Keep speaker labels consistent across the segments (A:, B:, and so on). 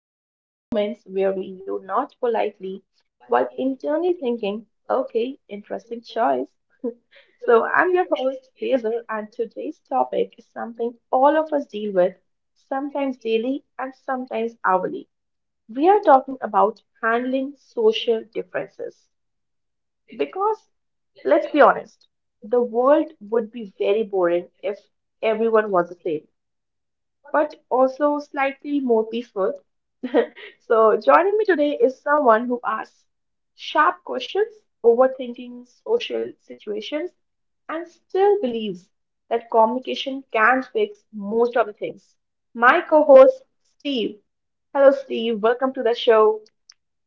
A: and those moments where we do not politely while internally thinking, okay, interesting choice. So, I'm your host, Hazel, and today's topic is something all of us deal with, sometimes daily and sometimes hourly. We are talking about handling social differences. Because let's be honest, the world would be very boring if everyone was the same, but also slightly more peaceful. So, joining me today is someone who asks sharp questions, overthinking social situations, and still believes that communication can fix most of the things. My co host, Steve. Hello, Steve. Welcome to the show.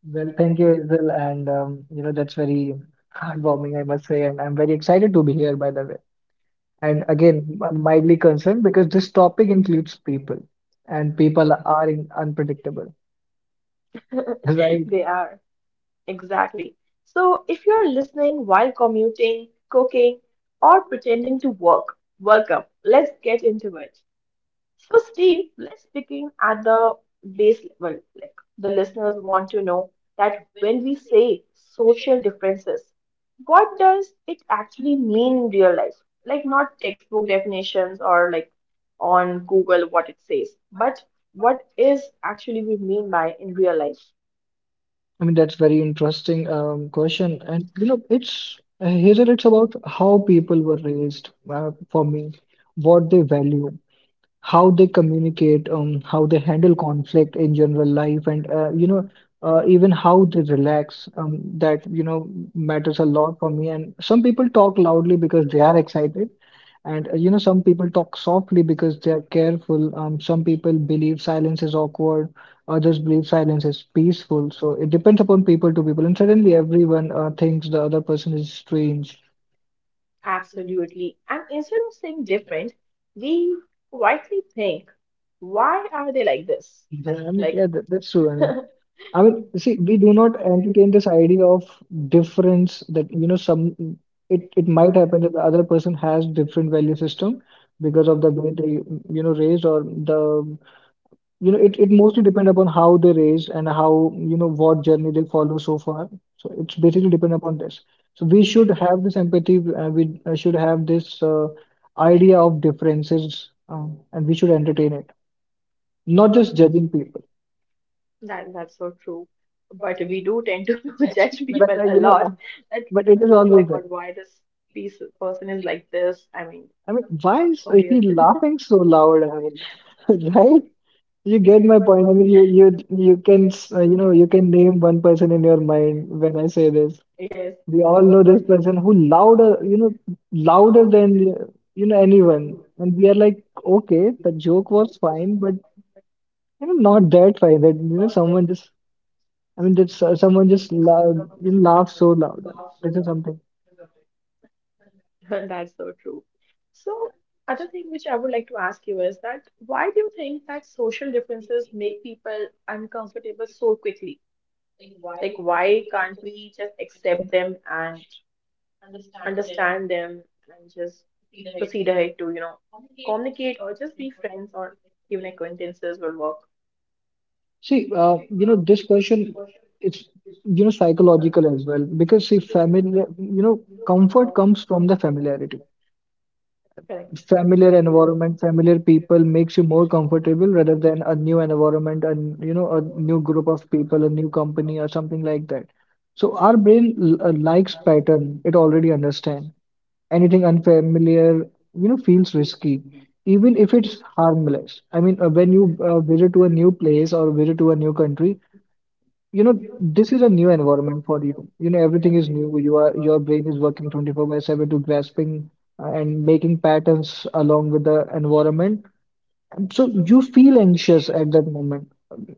B: Well, thank you, Hazel, and you know that's very heartwarming, I must say, and I'm very excited to be here, by the way. And again, mildly concerned because this topic includes people, and people are in unpredictable, right?
A: They
B: Yeah.
A: are. Exactly. So, if you're listening while commuting, cooking, or pretending to work, welcome. Let's get into it. So, Steve, let's begin at the base level. Like the listeners want to know that when we say social differences, what does it actually mean in real life? Like not textbook definitions or like on Google what it says, but what is actually we mean by in real life?
B: I mean, that's very interesting question, and you know, it's Hazel, it's about how people were raised for me, what they value, how they communicate, how they handle conflict in general life, and you know, even how they relax. That you know matters a lot for me. And some people talk loudly because they are excited, and you know, some people talk softly because they are careful. Some people believe silence is awkward. Others believe silence is peaceful. So it depends upon people to people. And suddenly, everyone thinks the other person is strange.
A: Absolutely. And instead of saying different, we quietly think, why are they like this?
B: Yeah, I mean,
A: Like
B: yeah, that's true. I mean, see, we do not entertain this idea of difference that, you know, some it might happen that the other person has different value system because of the way they, you know, raised or the, you know, it mostly depend upon how they raised and how, you know, what journey they follow so far. So it's basically depend upon this. So we should have this empathy. We should have this idea of differences and we should entertain it, not just judging people.
A: that's so true.
B: But
A: But we do tend to judge people
B: uh,
A: a
B: you know, uh,
A: lot that
B: but it is
A: oh my
B: always there.
A: God, why this piece person is like this? I mean,
B: I mean, why is
A: so
B: he
A: weird.
B: laughing so loud? I mean, right? You get my point. I mean, you you know you can name one person in your mind when I say this.
A: Yes,
B: We all know this person who louder you know louder than you know anyone, and we are like, okay, the joke was fine, but you know not that fine. That you know someone just I mean someone just loud, you know, laughs so loud. This is something.
A: that's so true. So, other thing which I would like to ask you is that why do you think that social differences make people uncomfortable so quickly? Like, why can't we just accept them and understand them and just proceed ahead to, you know, communicate or just be friends or even acquaintances will work.
B: See, you know, this question, it's, you know, psychological as well because see, familiar, you know, comfort comes from the familiarity.
A: Correct.
B: Familiar environment, familiar people makes you more comfortable rather than a new environment and, you know, a new group of people, a new company or something like that. So our brain likes pattern, it already understand. Anything unfamiliar, you know, feels risky, even if it's harmless. I mean, when you visit to a new place or visit to a new country, you know this is a new environment for you you know everything is new you are your brain is working 24 by 7 to grasping and making patterns along with the environment so you feel anxious at that moment.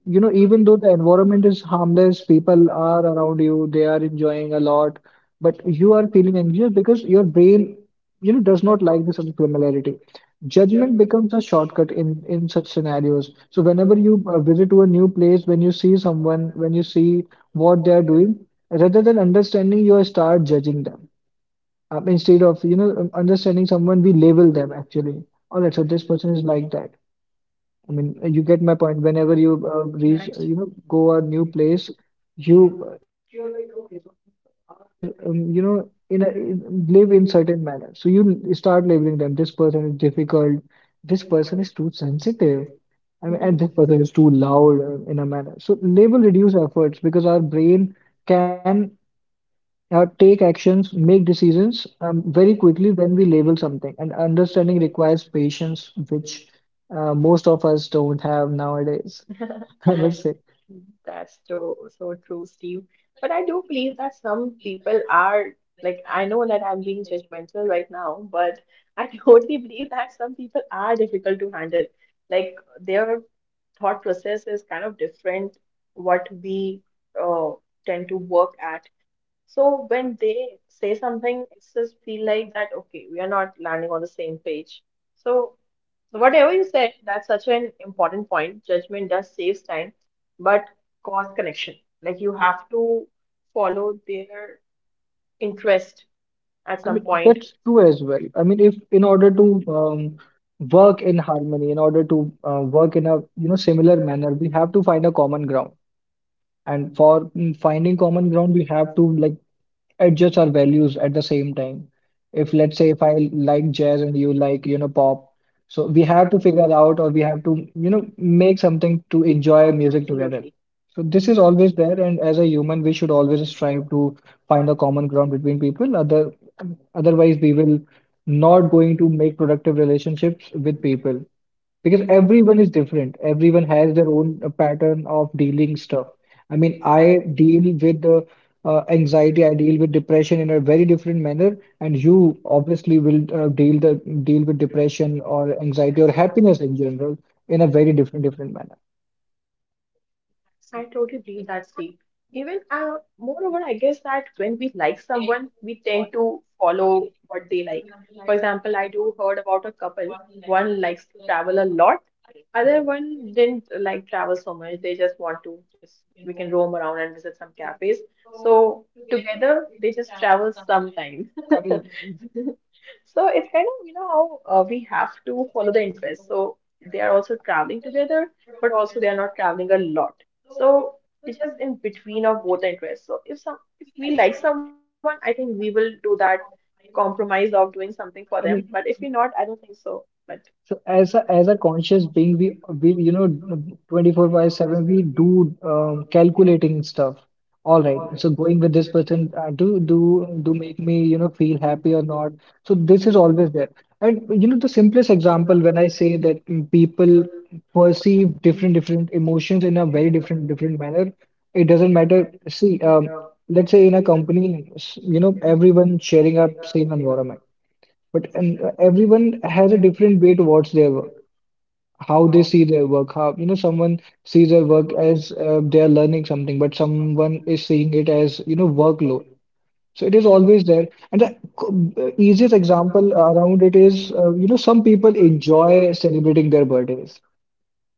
B: You know, even though the environment is harmless, people are around you, they are enjoying a lot, but you are feeling anxious because your brain, you know, does not like this familiarity. Judgment becomes a shortcut in such scenarios. So whenever you visit to a new place, when you see someone, when you see what they are doing, rather than understanding, you start judging them. Instead of, you know, understanding someone, we label them actually. All right, so this person is like that. I mean, you get my point. Whenever you you know, go a new place, you you're like, okay, so people are there, you know, in live in certain manner. So you start labeling them. This person is difficult. This person is too sensitive. I mean, and this person is too loud in a manner. So label reduce efforts because our brain can take actions, make decisions very quickly when we label something. And understanding requires patience, which most of us don't have nowadays, I must say.
A: That's so so true, Steve. But I do believe that some people are like I know that I'm being judgmental right now, but I totally believe that some people are difficult to handle. Like their thought process is kind of different what we uh, tend to work at. So when they say something, it's just feel like that, okay, we are not landing on the same page. So whatever you said, that's such an important point. Judgment does saves time, but cause connection. Like you have to follow their interest at
B: I
A: some
B: mean,
A: point.
B: that's true as well. I mean, if in order to work in harmony, in order to work in a you know similar manner, we have to find a common ground. And for finding common ground, we have to like adjust our values at the same time. If let's say if I like jazz and you like, you know, pop, so we have to figure out or we have to, you know, make something to enjoy music together.
A: Absolutely.
B: So this is always there, and as a human, we should always strive to find a common ground between people. Otherwise, we will not going to make productive relationships with people because everyone is different. Everyone has their own pattern of dealing stuff. I mean, I deal with anxiety, I deal with depression in a very different manner, and you obviously will deal with depression or anxiety or happiness in general in a very different different manner.
A: I totally believe that deep. Even moreover, I guess that when we like someone, we tend to follow what they like. For example, I do heard about a couple. One likes to travel a lot, other one didn't like travel so much. They just want to just we can roam around and visit some cafes. So together they just travel sometimes.
B: I mean,
A: So it's kind of, you know, how we have to follow the interest. So they are also traveling together, but also they are not traveling a lot. So it's just in between of both the interests. So if some if we like someone, I think we will do that compromise of doing something for them.
B: I
A: But if
B: mean,
A: we not, I don't think so. But
B: So as a conscious being, we you know 24 by 7 we do calculating stuff. All right. So going with this person, do make me you know feel happy or not. So this is always there. And you know the simplest example when I say that people perceive different different emotions in a very different different manner. It doesn't matter. See, let's say in a company, you know everyone sharing a same environment. But and everyone has a different way towards their work, how they see their work. How you know someone sees their work as they are learning something, but someone is seeing it as you know workload. So it is always there. And the easiest example around it is you know some people enjoy celebrating their birthdays,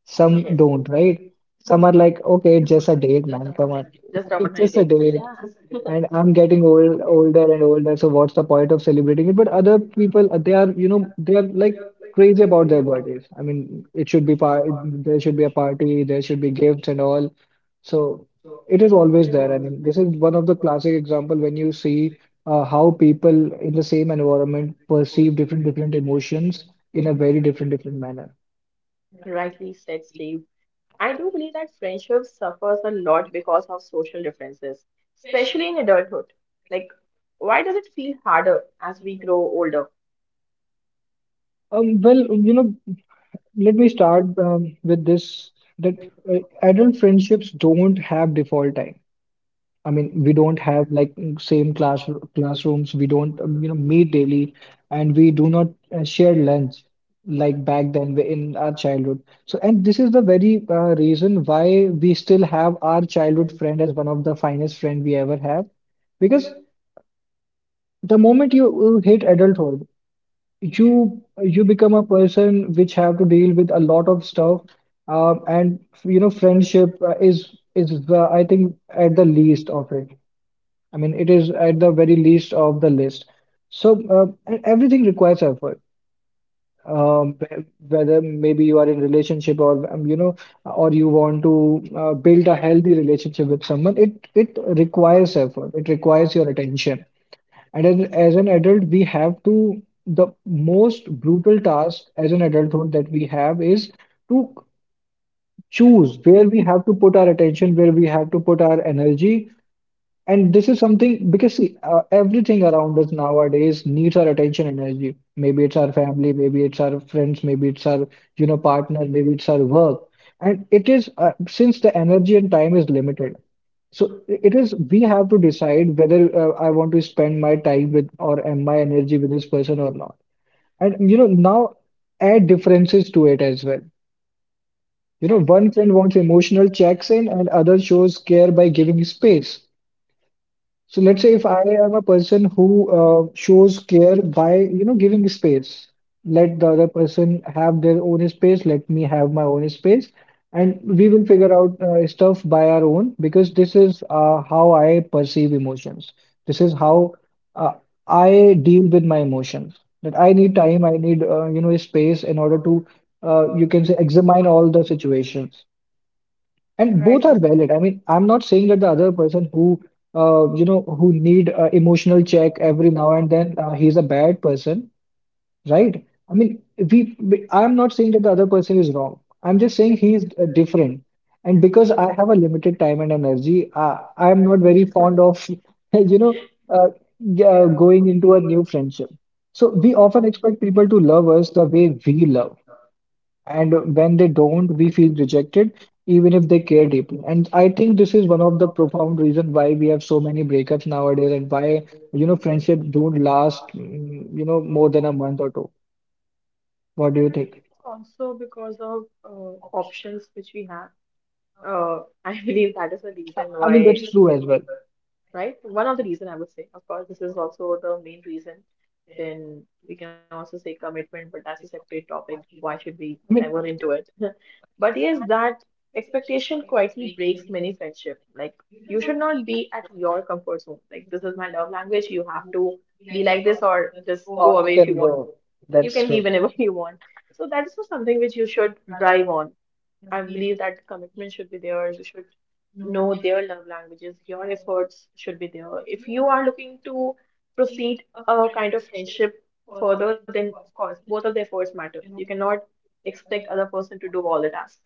B: some don't, right?
A: yes,
B: Some are like, okay, it's just a date, man.
A: just
B: Come
A: about
B: on,
A: my day.
B: it's
A: Yeah,
B: just a date. And I'm getting old, older and older, so what's the point of celebrating it? But other people, they are, you know, they are like crazy about their birthdays. I mean, it should be par there should be a party, there should be gifts and all. So it is always there. I mean, this is one of the classic example when you see how people in the same environment perceive different different emotions in a very different different manner.
A: rightly said, Steve. I do believe that friendship suffers a lot because of social differences, especially in adulthood. Like, why does it feel harder as we grow older?
B: Well, you know, let me start with this that uh, adult friendships don't have default time. I mean, we don't have like same class classrooms. We don't, you know, meet daily, and we do not share lunch like back then in our childhood. So, and this is the very reason why we still have our childhood friend as one of the finest friend we ever have, because the moment you hit adulthood, you become a person which have to deal with a lot of stuff, and you know, friendship is I think at the least of it. I mean, it is at the very least of the list. So, uh, everything requires effort. Um, whe- whether maybe you are in relationship or you know, or you want to build a healthy relationship with someone, it requires effort. It requires your attention. And as an adult, we have to the most brutal task as an adulthood that we have is to choose where we have to put our attention, where we have to put our energy, and this is something because see, everything around us nowadays needs our attention energy. Maybe it's our family, maybe it's our friends, maybe it's our, you know, partner, maybe it's our work. And it is since the energy and time is limited. So it is we have to decide whether I want to spend my time with or am my energy with this person or not. And you know, now add differences to it as well. You know, one friend wants emotional checks in and other shows care by giving space. So let's say if I am a person who shows care by, you know, giving space, let the other person have their own space, let me have my own space, and we will figure out stuff by our own because this is how I perceive emotions. This is how uh, I deal with my emotions. That I need time, I need, you know, space in order to, you can say, examine all the situations. And both
A: Right.
B: are valid. I mean, I'm not saying that the other person who, you know, who need emotional check every now and then, he's a bad person, right? I mean, I'm not saying that the other person is wrong. I'm just saying he is different. And because I have a limited time and energy, I'm not very fond of, you know, uh, going into a new friendship. So we often expect people to love us the way we love. And when they don't, we feel rejected, even if they care deeply. And I think this is one of the profound reasons why we have so many breakups nowadays and why friendship don't last, more than a month or two. What do you think?
A: Also, because of options which we have. I believe that is the
B: I
A: reason
B: I mean,
A: why
B: that's true as well.
A: right? One of the reason I would say, of course, this is also the main reason. Then we can also say commitment, but that's a separate topic.
B: I
A: Why should we
B: mean,
A: dive into it? But yes, that expectation quietly breaks many friendship. Like you should not be at your comfort zone. Like this is my love language. You have to be like this or just
B: or
A: go
B: you
A: away if you
B: can
A: want to.
B: go.
A: You
B: That's
A: can
B: true.
A: leave whenever you want. So that is not something which you should drive on. I believe that commitment should be there. You should know their love languages. Your efforts should be there. If you are looking to proceed a kind of friendship further, then of course both of the efforts matter. You cannot expect other person to do all the tasks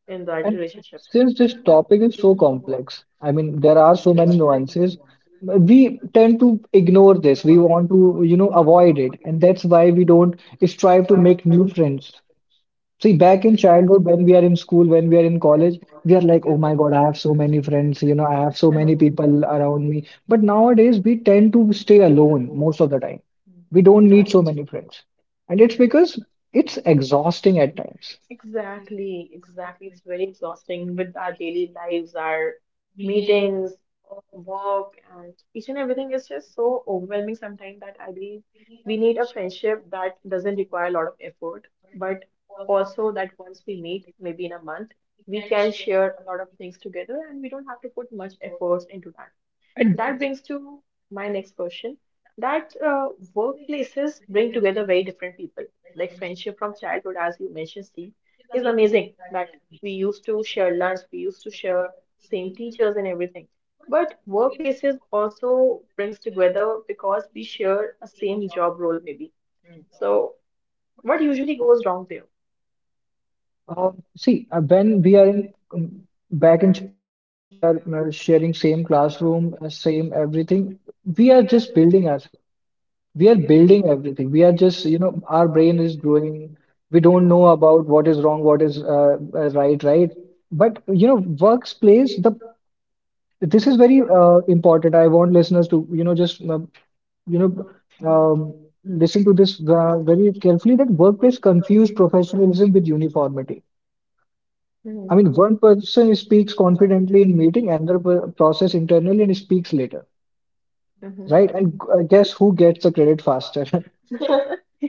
A: in that
B: And
A: relationship.
B: since this topic is so complex, I mean, there are so many nuances, we tend to ignore this. We want to, you know, avoid it. And that's why we don't strive to make new friends. See,
A: So
B: back in childhood, when we are in school, when we are in college, we are like, oh my God, I have so many friends, you know, I have so many people around me. But nowadays, we tend to stay alone most of the time.
A: Mm.
B: We don't need so many friends. And it's because it's exhausting at times.
A: Exactly, exactly. It's very exhausting with our daily lives, our meetings, work, and each and everything is just so overwhelming sometimes that I believe we need a friendship that doesn't require a lot of effort, but also that once we meet, maybe in a month, we can share a lot of things together and we don't have to put much efforts into that. That brings to my next question that workplaces bring together very different people. Like friendship from childhood, as you mentioned, Steve, is amazing that we used to share lunch, we used to share same teachers and everything. But workplaces also brings together because we share a same job role maybe. So what usually goes wrong there?
B: When we are in back in childhood, we are when we are sharing same classroom, same everything, we are just building ourselves. We are building everything. We are just, you know, our brain is growing. We don't know about what is wrong, what is right, right. But you know, workplace, the this is very important. I want listeners to, you know, um, listen to this very carefully that workplace confuse professionalism with uniformity. I mean,
A: Mm-hmm.
B: one person speaks confidently in meeting, process internally and speaks later,
A: Mm-hmm.
B: right? And guess who gets the credit faster?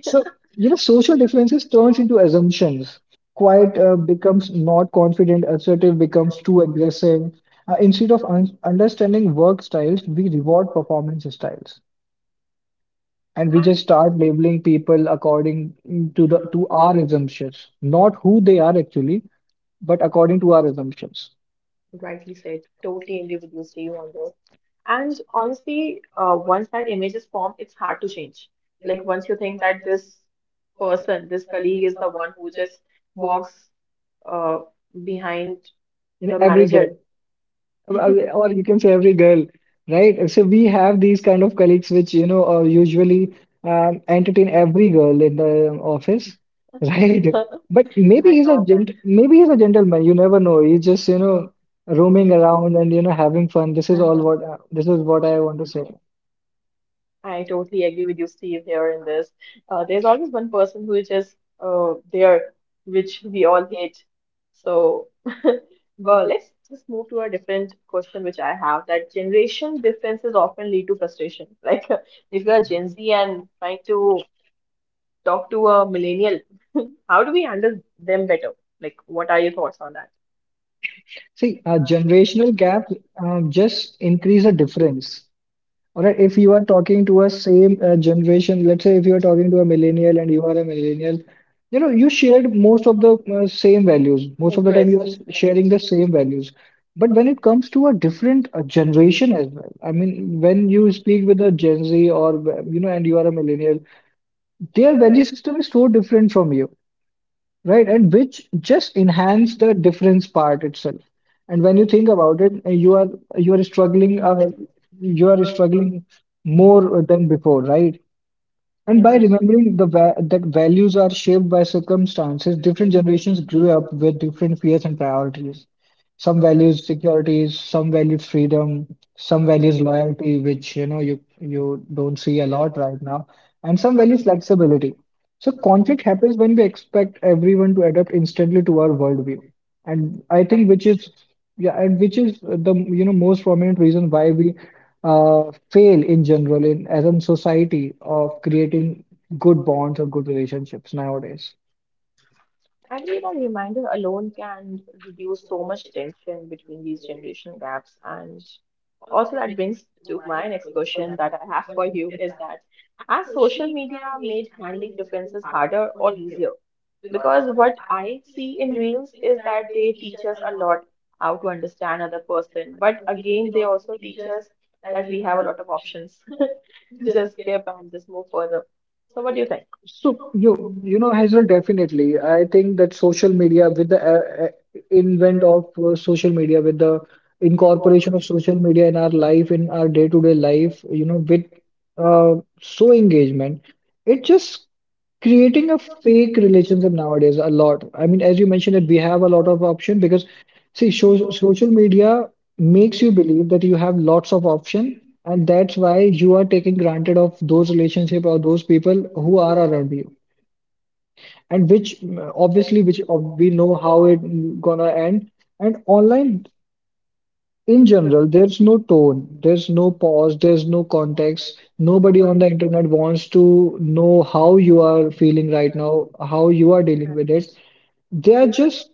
B: So, you know, social differences turns into assumptions. Quiet becomes not confident, assertive becomes too aggressive. Instead of un understanding work styles, we reward performance styles, and we just start labeling people according to our assumptions, not who they are actually, but according to our assumptions
A: Rightly said. Totally individual, Steve, on this. And honestly, once that image is formed, it's hard to change. Like once you think that this person, this colleague is the one who just walks uh, behind the
B: in every
A: manager,
B: uh, or you can say every girl, right? So we have these kind of colleagues which, usually entertain every girl in the office, right?
A: you
B: But
A: know,
B: maybe he's a gentleman. You never know. He's just, you know, roaming around and, you know, having fun. This is all what this is what I want to say.
A: I totally agree with you, Steve, here in this. There's always one person who is just there, which we all hate. So, well, let's just move to a different question which I have that generation differences often lead to frustration. Like, if you're a Gen Z and trying to talk to a millennial, how do we handle them better? Like, what are your thoughts on that?
B: See, a generational gap just increase the difference. All right, if you are talking to a same generation, let's say if you are talking to a millennial and you are a millennial, you know, you shared most of the same values. Most of the time,
A: Interest.
B: you are sharing the same values. But when it comes to a different generation as well, I mean, when you speak with a Gen Z or and you are a millennial, their value system is so different from you. Right, and which just enhance the difference part itself. And when you think about it, you are struggling, uh, you are struggling more than before, right? And by
A: Right.
B: remembering the va that values are shaped by circumstances, different generations grew up with different fears and priorities. Some values securities, some value freedom, some values loyalty, which you know you don't see a lot right now, and some values flexibility. So conflict happens when we expect everyone to adapt instantly to our worldview, and I think which
A: Right.
B: is yeah, and which is the you know most prominent reason why we fail in general in as a society of creating good bonds or good relationships nowadays.
A: I believe a reminder alone can reduce so much tension between these generation gaps. And also, that brings to my next question that I have for you is that has social media made handling differences harder or easier? Because what I see in Reels is that they teach us a lot how to understand other person, but again, they also teach us that we have a lot of options to just skip and just move further. So, what do you think?
B: So you know, Hazel, definitely I think that social media with the invent of social media with the incorporation of social media in our life, in our day-to-day life, you know, with uh, so engagement, it just creating a fake relationship nowadays a lot. I mean, as you mentioned it, we have a lot of option because see, so, social media makes you believe that you have lots of option, and that's why you are taking granted of those relationship or those people who are around you. And which obviously, we know how it gonna end. And online in general, there's no tone, there's no pause, there's no context. Nobody on the internet wants to know how you are feeling right now, how you are dealing with it. They are just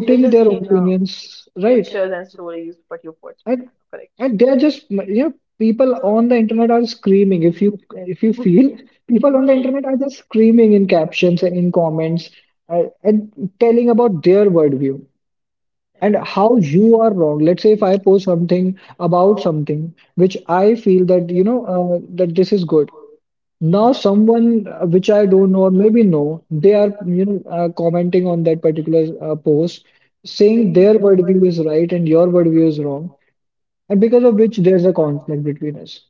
A: They just
B: their
A: see the
B: opinions, right?
A: pictures and stories what you put.
B: And
A: Correct.
B: and they're just you know People on the internet are screaming. If you feel People on the internet are just screaming in captions and in comments, and telling about their worldview and
A: Correct.
B: how you are wrong. Let's say if I post something about something which I feel that that this is good. Now someone which I don't know or maybe know, they are commenting on that particular post saying their worldview is right and your worldview is wrong, and because of which there's a conflict between us.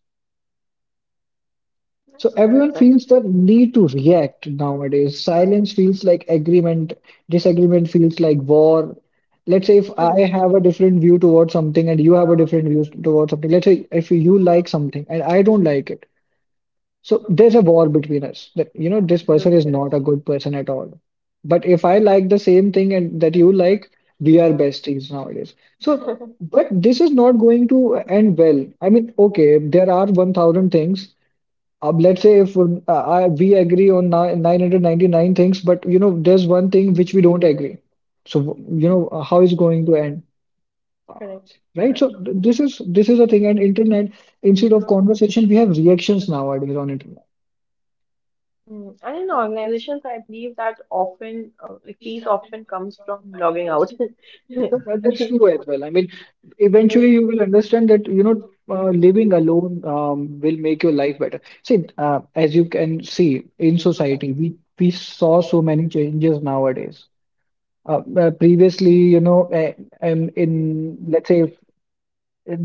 B: So everyone
A: Correct.
B: feels the need to react nowadays. Silence feels like agreement, disagreement feels like war. Let's say if I have a different view towards something and you have a different view towards something. Let's say if you like something and I don't like it, so there's a war between us that, you know, this person is not a good person at all. But if I like the same thing and that you like, we are besties nowadays. So, but this is not going to end well. I mean, okay, there are 1000 things. Let's say if we agree on 999 things, but you know, there's one thing which we don't agree. So, you know, how is going to end?
A: Correct.
B: Right, so this is the thing, and internet, instead of conversation, we have reactions nowadays on it.
A: Hmm. And in organizations, I believe that often, like peace often comes from logging out.
B: So that's
A: We-
B: true as well. I mean, eventually you will understand that, you know, living alone will make your life better. See, as you can see in society, we saw so many changes nowadays. Previously, you know, in let's say,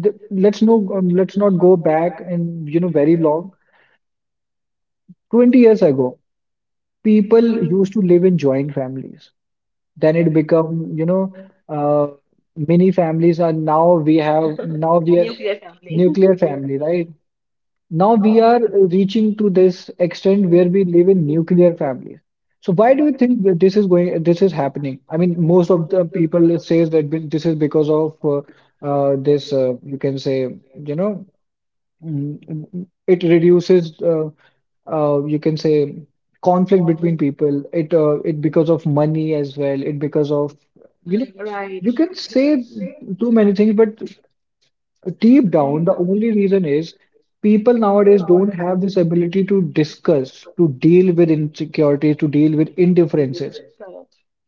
B: th- let's no, Let's not go back and you know very long. 20 years ago, people used to live in joint families. Then it become uh, many families. Are now, we have now we are
A: Nuclear family.
B: nuclear family, right, now we are reaching to this extent where we live in nuclear families. So why do you think that this is happening? I mean, most of the people says that this is because of this you can say, you know, Mm, it reduces, you can say, conflict between people. It it because of money as well. It because of you know, you can say too many things, but deep down, the only reason is people nowadays don't have this ability to discuss, to deal with insecurities, to deal with indifferences.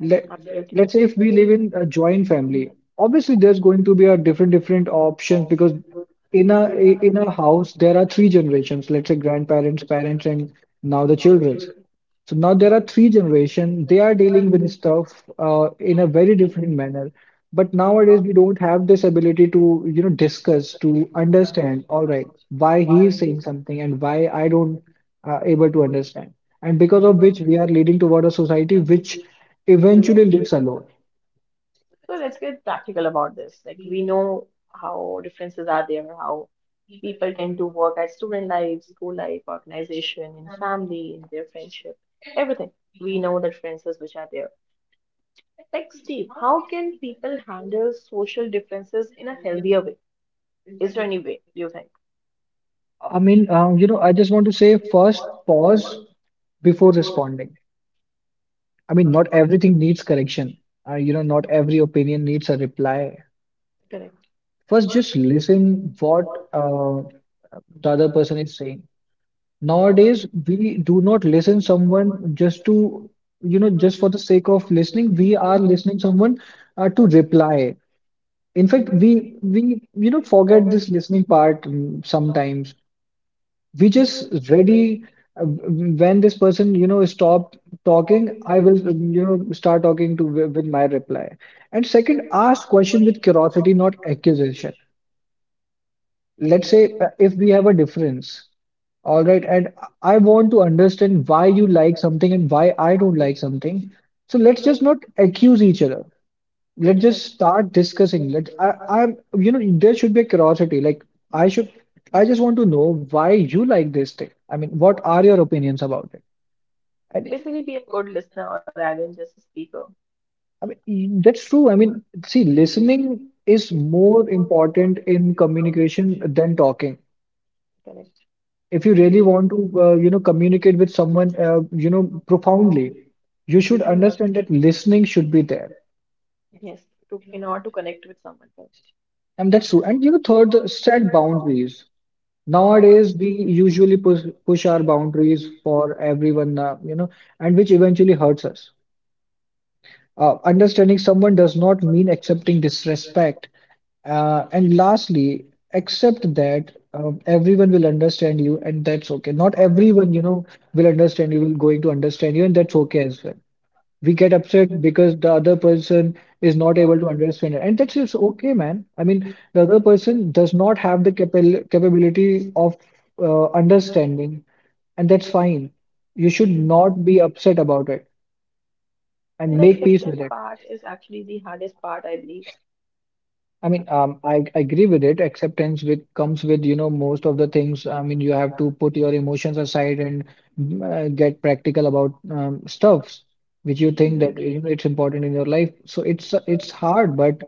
B: let let's say if we live in a joint family, obviously there's going to be a different options because in a house there are three generations. Let's say grandparents, parents, and now the children. So now there are three generation. They are dealing with stuff in a very different manner. But nowadays we don't have this ability to you know discuss, to understand. All right, why he is saying something and why I don't able to understand. And because of which we are leading toward a society which eventually lives alone.
A: So let's get practical about this. Like we know how differences are there, how people tend to work at student life, school life, organization, in family, in their friendship, everything. We know the differences which are there. Like Steve, how can people handle social differences in a healthier way? Is there any way do you think?
B: I mean, you know, I just want to say first pause before responding. I mean, not everything needs correction. You know, not every opinion needs a reply.
A: Correct.
B: First, just listen what the other person is saying. Nowadays, we do not listen someone just to, you know, just for the sake of listening. We are listening someone to reply. In fact, we you know forget this listening part sometimes. We just ready, when this person you know stop talking, I will you know start talking to with my reply. And second, ask question with curiosity, not accusation. Let's say if we have a difference, all right, and I want to understand why you like something and why I don't like something. So let's just not accuse each other, let's just start discussing. I'm you know there should be a curiosity. I should I just want to know why you like this thing. I mean, what are your opinions about it? And
A: Basically, be a good listener rather than just a speaker.
B: I mean, that's true. I mean, see, listening is more important in communication than talking.
A: Correct.
B: If you really want to, communicate with someone, profoundly, you should understand that listening should be there.
A: Yes, to in order to connect with someone. Correct.
B: And that's true. And, you know, third, set boundaries. Nowadays, we usually push our boundaries for everyone, and which eventually hurts us. Understanding someone does not mean accepting disrespect. And lastly, accept that everyone will understand you, and that's okay. Not everyone, you know, will understand you, will going to understand you, and that's okay as well. We get upset because the other person is not able to understand it. And that's just okay, man. I mean, the other person does not have the capable capability of understanding, and that's fine. You should not be upset about it and
A: The
B: make peace with
A: acceptance
B: it.
A: part is actually the hardest part, I believe.
B: I mean, I agree with it. Acceptance with comes with, you know, most of the things. I mean, you have to put your emotions aside and get practical about stuffs which you think that you know it's important in your life. So it's hard, but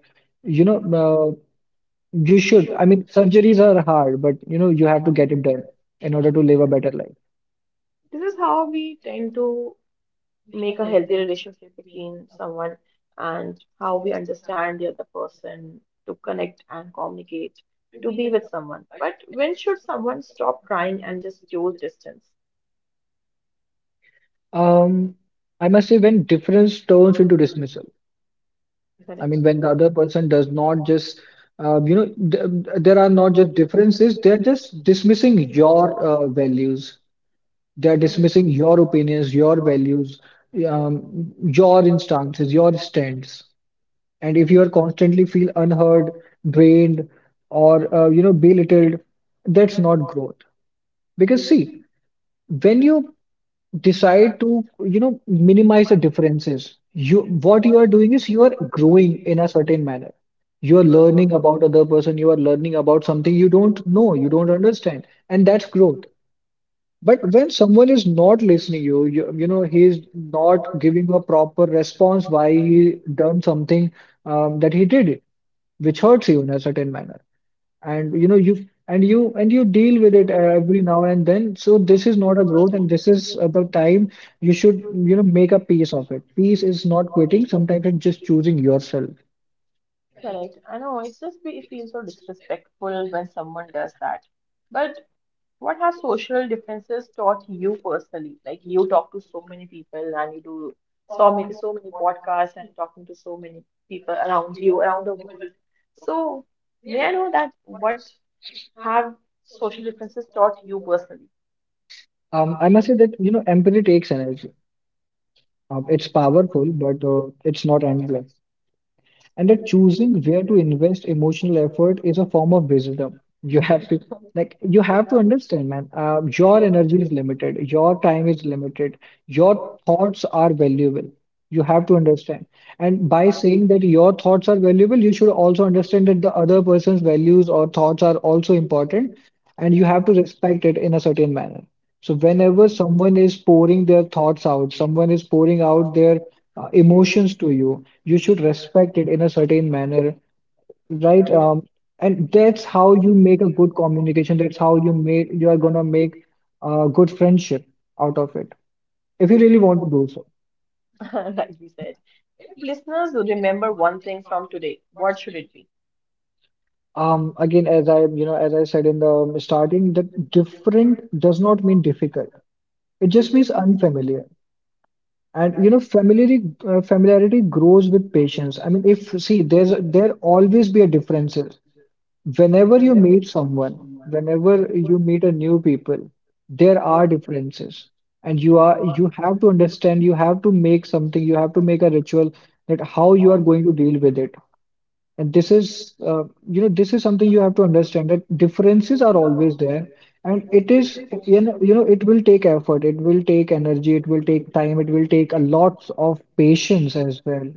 B: you know, uh, you should. I mean, surgeries are
A: Mm.
B: hard, but you know, you have to get it done in order to live a better life.
A: This is how we tend to make a healthy relationship between someone and how we understand the other person to connect and communicate, to be with someone. But when should someone stop trying and just choose distance?
B: Um, I must say, when difference turns into dismissal. I
A: Correct.
B: mean, when the other person does not just, you know, th there are not just differences, they're just dismissing your values. They're dismissing your opinions, your values, um, your instances, your stance. And if you are constantly feel unheard, drained, or, belittled, that's not growth. Because see, when you decide to you know minimize the differences you what you are doing is you are growing in a certain manner. You are learning about other person, you are learning about something you don't know, you don't understand, and that's growth. But when someone is not listening you know he is not giving a proper response why he done something, that he did it, which hurts you in a certain manner. And you know you and you deal with it every now and then, so this is not a growth, and this is the time you should you know make a peace of it. Peace is not quitting, sometimes it's just choosing yourself.
A: Correct. I know it's just be, it feels so disrespectful when someone does that. But What have social differences taught you personally? Like you talk to so many people and you do so many podcasts and talking to so many people around you, around the world. So may I know that what have social differences taught you personally?
B: Um, I must say that you know empathy takes energy. It's powerful, but it's not endless, and that choosing where to invest emotional effort is a form of wisdom. You have to, like, you have to understand, man, your energy is limited, your time is limited, your thoughts are valuable. You have to understand, and by saying that your thoughts are valuable, you should also understand that the other person's values or thoughts are also important, and you have to respect it in a certain manner. So whenever someone is pouring their thoughts out, someone is pouring out their emotions to you, you should respect it in a certain manner, right? And that's how you make a good communication. That's how you are gonna make a good friendship out of it, if you really want to do so.
A: Like we said. If listeners would remember one thing from today, what should it be?
B: Again, as I you know as I said in the starting, that different does not mean difficult. It just means unfamiliar. And you know, familiarity grows with patience. I mean, if see, there's there always be a differences. Whenever you meet someone, whenever you meet a new people, there are differences. And you have to understand, you have to make a ritual that how you are going to deal with it, and this is, this is something you have to understand, that differences are always there, and it is, you know, it will take effort, it will take energy, it will take time, it will take a lot of patience as well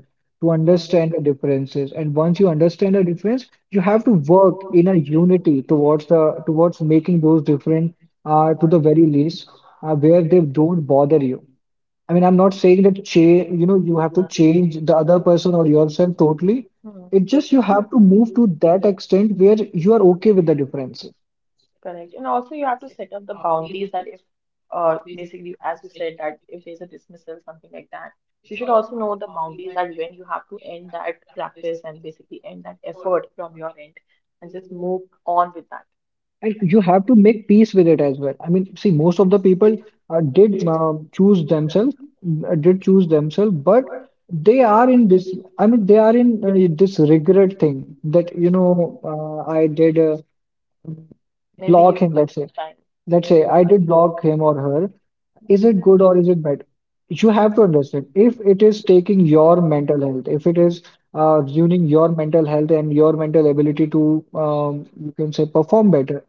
B: to understand the differences. And once you understand the difference, you have to work in a unity towards the towards making those different to the very least, where they don't bother you. I mean, I'm not saying that change, you know, you have to change the other person or yourself totally.
A: Hmm.
B: It's just you have to move to that extent where you are okay with the difference.
A: Correct. And also you have to set up the boundaries that if basically as you said that if there's a dismissal, something like that, you should also know the boundaries that when you have to end that practice and basically end that effort from your end and just move on with that.
B: And you have to make peace with it as well. I mean, see, most of the people uh, did uh, choose themselves, did choose themselves, but they are in this, I mean, they are in this regret thing that, you know, I did
A: Maybe give
B: block
A: it
B: him,
A: some
B: let's say.
A: time.
B: Let's say I did block him or her. Is it good or is it bad? You have to understand, if it is taking your mental health, if it is ruining your mental health and your mental ability to, you can say, perform better,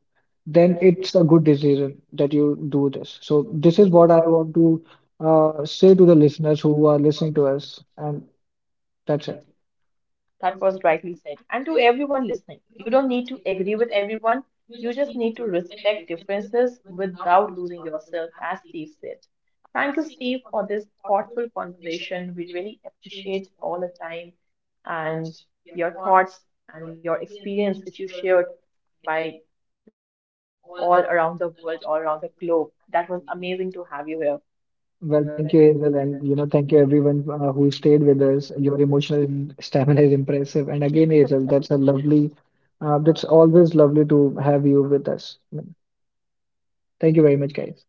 B: then it's a good decision that you do this. So, this is what I want to say to the listeners who are listening to us, and that's it.
A: That was rightly said. And to everyone listening, you don't need to agree with everyone. You just need to respect differences without losing yourself, as Steve said. Thank you, Steve, for this thoughtful conversation. We really appreciate all the time and your thoughts and your experience, which you shared by roaming all around the world, all around the globe. That was amazing to have you here.
B: Well, thank you, Hazel, and you know, thank you everyone who stayed with us. Your emotional stamina is impressive, and again, Hazel, that's a lovely, that's always lovely to have you with us. Thank you very much, guys.